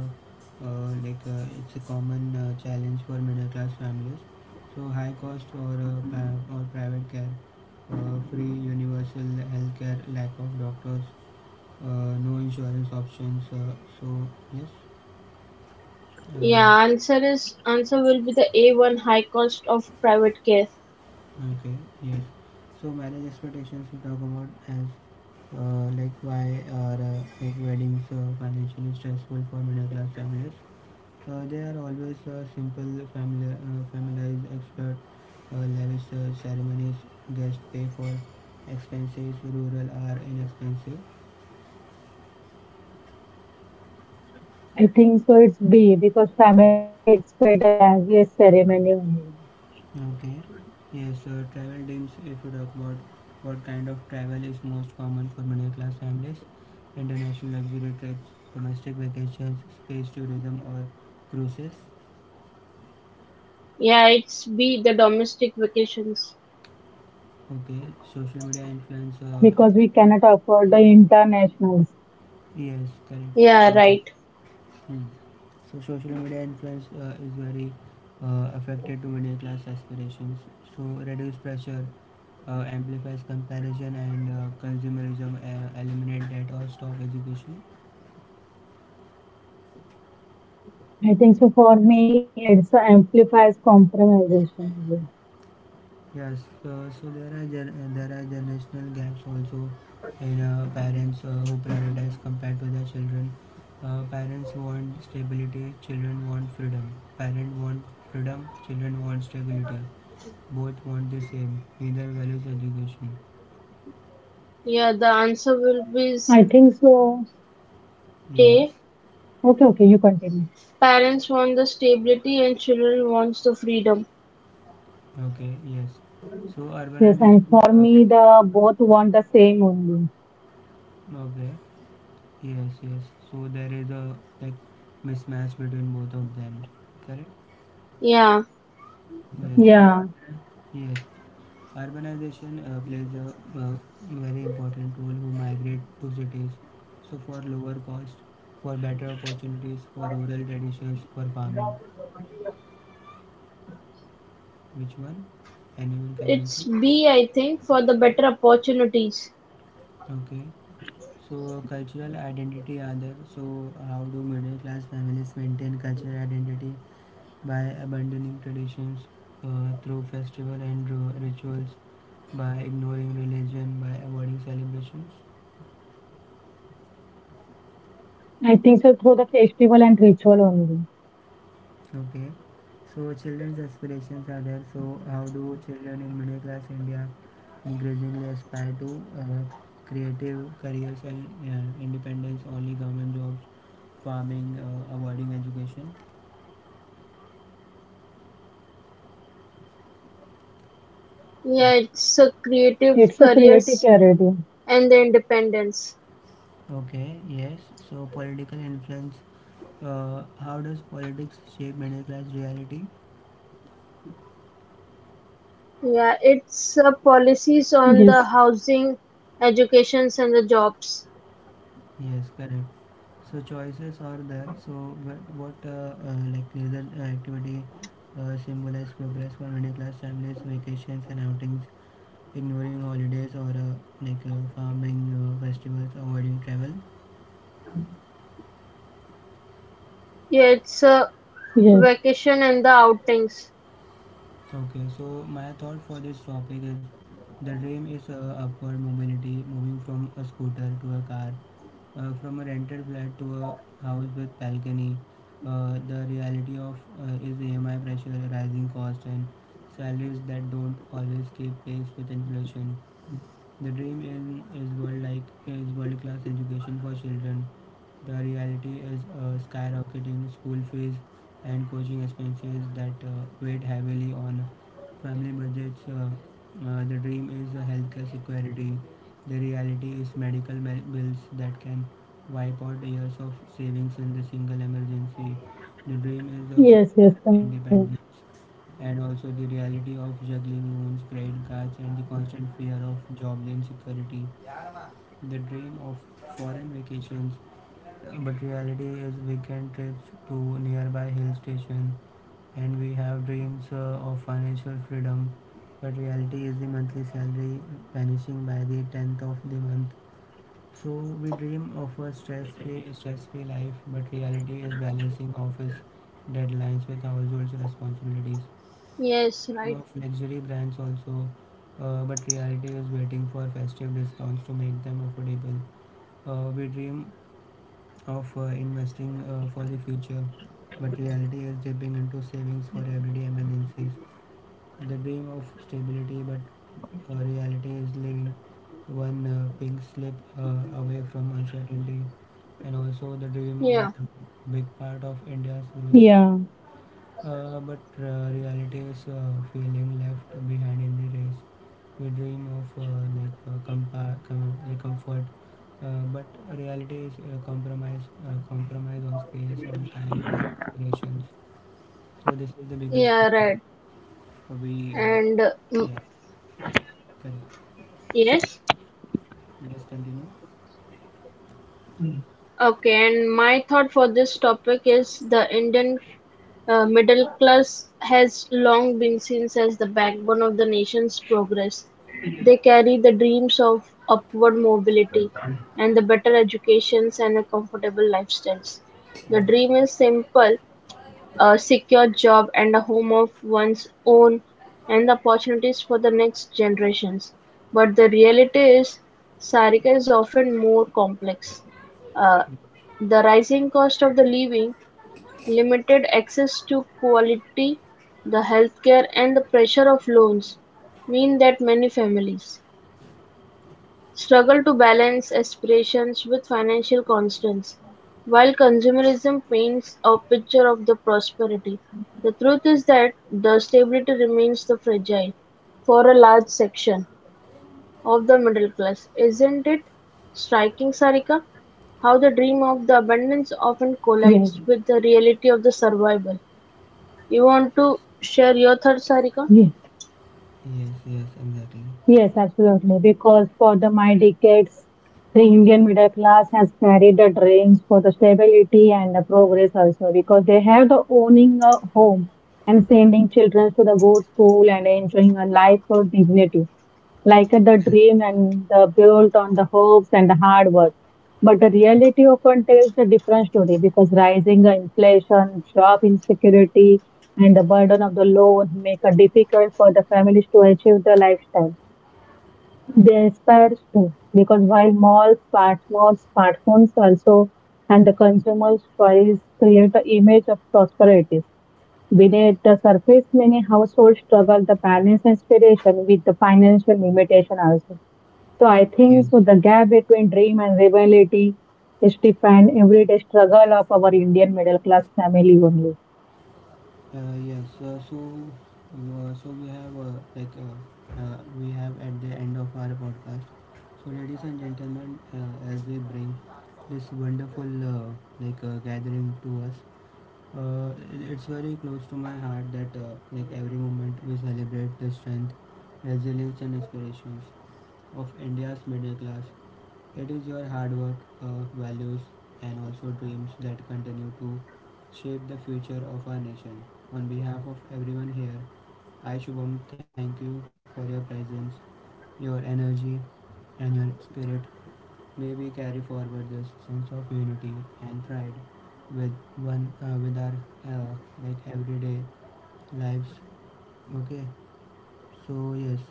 like it's a common challenge for middle class families. So high cost or or private care, free universal healthcare, lack of doctors, no insurance options. So yes. Uh, Yeah, answer will be the A one high cost of private care. Okay, yes. So marriage expectations we talk about as like why are like weddings financially stressful for middle class families? They are always simple family families expert lavish ceremonies, guests pay for expenses, rural are inexpensive. I think so. It's B because family expect a lavish ceremony only Okay. Yes, travel dreams. If you talk about what kind of travel is most common for middle class families, international luxury trips, domestic vacations, space tourism, or cruises. Yeah, it's B the domestic vacations. Okay. Social media influence. Because we cannot afford the internationals. Yes, correct. Yeah, Um, right. hmm. So social media influence is very affected to middle class aspirations. So reduce pressure, amplifies comparison and consumerism, eliminate debt or stop education. I think so. For me, it's amplifies compromisation. Yes, so there are there are generational gaps also in parents who prioritize compared to their children. Parents want stability, children want freedom. Parent want freedom, children want stability. Both want the same. Neither values education. Yeah, the answer will be I think so. A. Yes. Okay, okay, you continue. Parents want the stability and children wants the freedom. Okay. Yes. So Yes, and urbanization. for me, the both want the same only. Okay. Yes. Yes. So there is a like mismatch between both of them. Correct. Yeah, Yes. So Yeah, yes. Urbanization plays a very important role who migrate to cities. So for lower cost, for better opportunities, for rural traditions, for farming. Which one? Anyone can answer. it's B I think for the better opportunities. Okay. So cultural identity other. So how do middle class families maintain cultural identity? By abandoning traditions, through festival and rituals, by ignoring religion, by avoiding celebrations? I think so through the festival and ritual only. Okay, so children's aspirations are there. So, how do children in middle class India increasingly aspire to creative careers and independence, only government jobs, farming, avoiding education? Yeah, Yes. it's a creative It's a creative careers charity. and the independence. Okay, yes. So, political influence. How does politics shape middle class reality? Yeah, it's policies on the Yes, housing, educations and the jobs. Yes, correct. So choices are there. So but what like leisure activity symbolize progress for middle class families? Vacations and outings, ignoring holidays or farming festivals, avoiding travel. Yeah, it's yes, vacation and the outings. Okay, so my thought for this topic is the dream is upward mobility, moving from a scooter to a car, from a rented flat to a house with balcony. The reality of is AMI pressure, rising cost, and salaries that don't always keep pace with inflation. The dream is world class education for children. The reality is skyrocketing school fees and coaching expenses that weighed heavily on family budgets. The dream is healthcare security. The reality is medical bills that can wipe out years of savings in the single emergency. The dream is of yes, independence, correct. and also the reality of juggling loans, credit cards, and the constant fear of job insecurity. The dream of foreign vacations, but reality is weekend trips to nearby hill station, and we have dreams of financial freedom, but reality is the monthly salary vanishing by the 10th of the month. So we dream of a stress-free life, but reality is balancing office deadlines with household responsibilities, Yes, team right. of luxury brands also, but reality is waiting for festive discounts to make them affordable. We dream of investing for the future, but reality is dipping into savings for everyday emergencies. The dream of stability, but reality is living one pink slip away from uncertainty. And also, the dream will Yeah, become a big part of India's growth story. Yeah, But reality is feeling left behind in the race. We dream of like comfort, but reality is compromise on space, on time, on aspirations. So this is the biggest yeah, problem. right. Uh, We, uh, And yeah, correct. yes, Just continue. okay. And my thought for this topic is the Indian middle class has long been seen as the backbone of the nation's progress. They carry the dreams of upward mobility and the better educations and a comfortable lifestyles. The dream is simple, a secure job and a home of one's own and opportunities for the next generations. But the reality is, Sarika, is often more complex. Uh, the rising cost of the living, limited access to quality, the healthcare, and the pressure of loans mean that many families struggle to balance aspirations with financial constraints. While consumerism paints a picture of the prosperity, the truth is that the stability remains the fragile for a large section of the middle class. Isn't it striking, Sarika, how the dream of the abundance often yes, collides with the reality of the survival? You want to share your thoughts, Sarika? yes. Yes, yes, exactly. Yes, absolutely. Because for the my decades, the Indian middle class has carried the dreams for the stability and the progress also because they have the owning a home and sending children to the good school and enjoying a life for dignity, like the dream and the built on the hopes and the hard work. But the reality often tells a different story because rising inflation, job insecurity, and the burden of the loan make it difficult for the families to achieve the lifestyle. Yes, that's true. Because while malls, smartphones also, and the consumer's choice create an image of prosperity. Beneath the surface, many households struggle to balance inspiration with the financial limitation also. So I think Yes. so the gap between dream and reality is defined everyday struggle of our Indian middle class family only. Uh, yes, uh, so so we have we have at the end of our podcast. So, ladies and gentlemen, as we bring this wonderful gathering to us, it's very close to my heart that like every moment we celebrate the strength, resilience, and aspirations of India's middle class. It is your hard work, values, and also dreams that continue to shape the future of our nation. On behalf of everyone here, I, Shubham, thank you for your presence, your energy, and your spirit. May we carry forward this sense of unity and pride with one with our uh, like everyday lives. Okay, so yes, uh,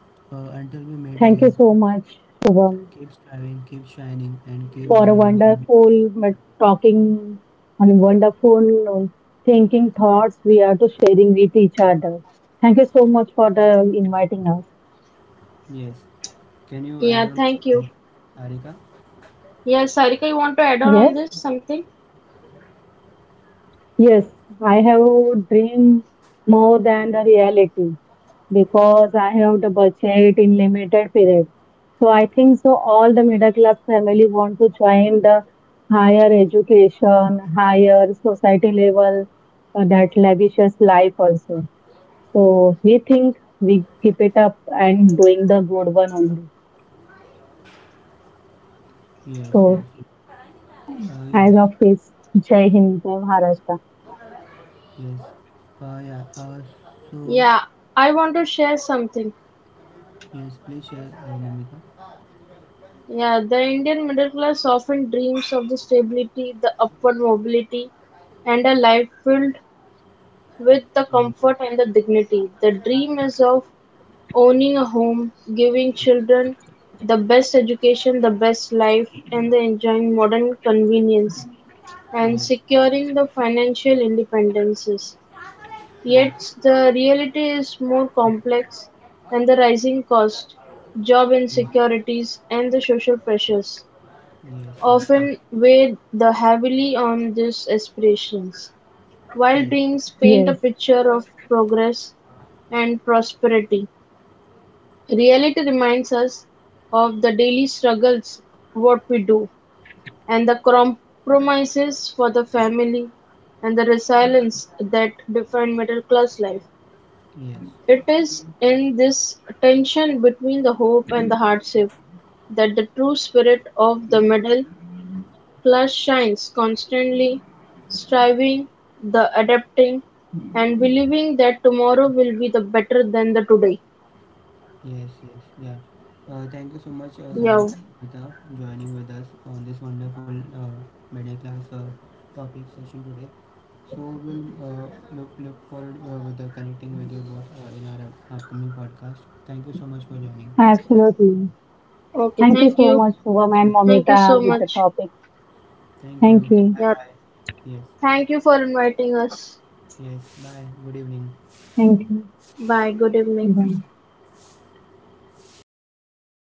uh, until we meet again, Thank you so much, keep Shubham, striving, keep shining, and keep believing for a in. wonderful but talking and wonderful thinking thoughts we are to sharing with each other. Thank you so much for the inviting us. Yes. Can you add on, Yeah, thank you. Sarika? Yeah, Sarika, you want to add on Yes, this something? yes, I have dream more than the reality because I have the budget in limited period. So I think so all the middle class family want to join the higher education, higher society level, that lavishes life also. So we think we keep it up and doing the good one only. Yes, yes. So Yes, as of this, Jai Hind, Jai Maharashtra. yes. Yeah. So, Yeah, I want to share something. yes, please share, Namita. Yeah, the Indian middle class often dreams of the stability, the upward mobility, and a life filled with the Yes, comfort and the dignity. The dream is of owning a home, giving yes, children the best education, the best life, and the enjoying modern convenience yes, and yes, securing the financial independences. Yet yes, the reality is more complex, and the rising cost, job yes, insecurities and the social pressures yes, yes. often weigh the heavily on these aspirations. While Correct. dreams Yes, paint a picture of progress and prosperity, reality reminds us of the daily struggles, what we do, and the compromises for the family, and the resilience that define middle class life. Yes. It is in this tension between the hope and the hardship that the true spirit of the middle class shines, constantly striving, the adapting, and believing that tomorrow will be the better than the today. Yes, yes, yeah. Thank you so much, Yeah. Sarika, and Amita, joining with us on this wonderful middle class topic session today. So we'll look forward with connecting with you both in our upcoming podcast. Thank you so much for joining. absolutely. Okay. Thank Thank you you. so much, Shubham Yes, and Thank you so Momita, with much. the topic. thank you. Thank Bye you. Yeah. bye. Yes, Thank you for inviting us. yes. Bye. Good evening. Thank you. Bye. Good evening. Bye.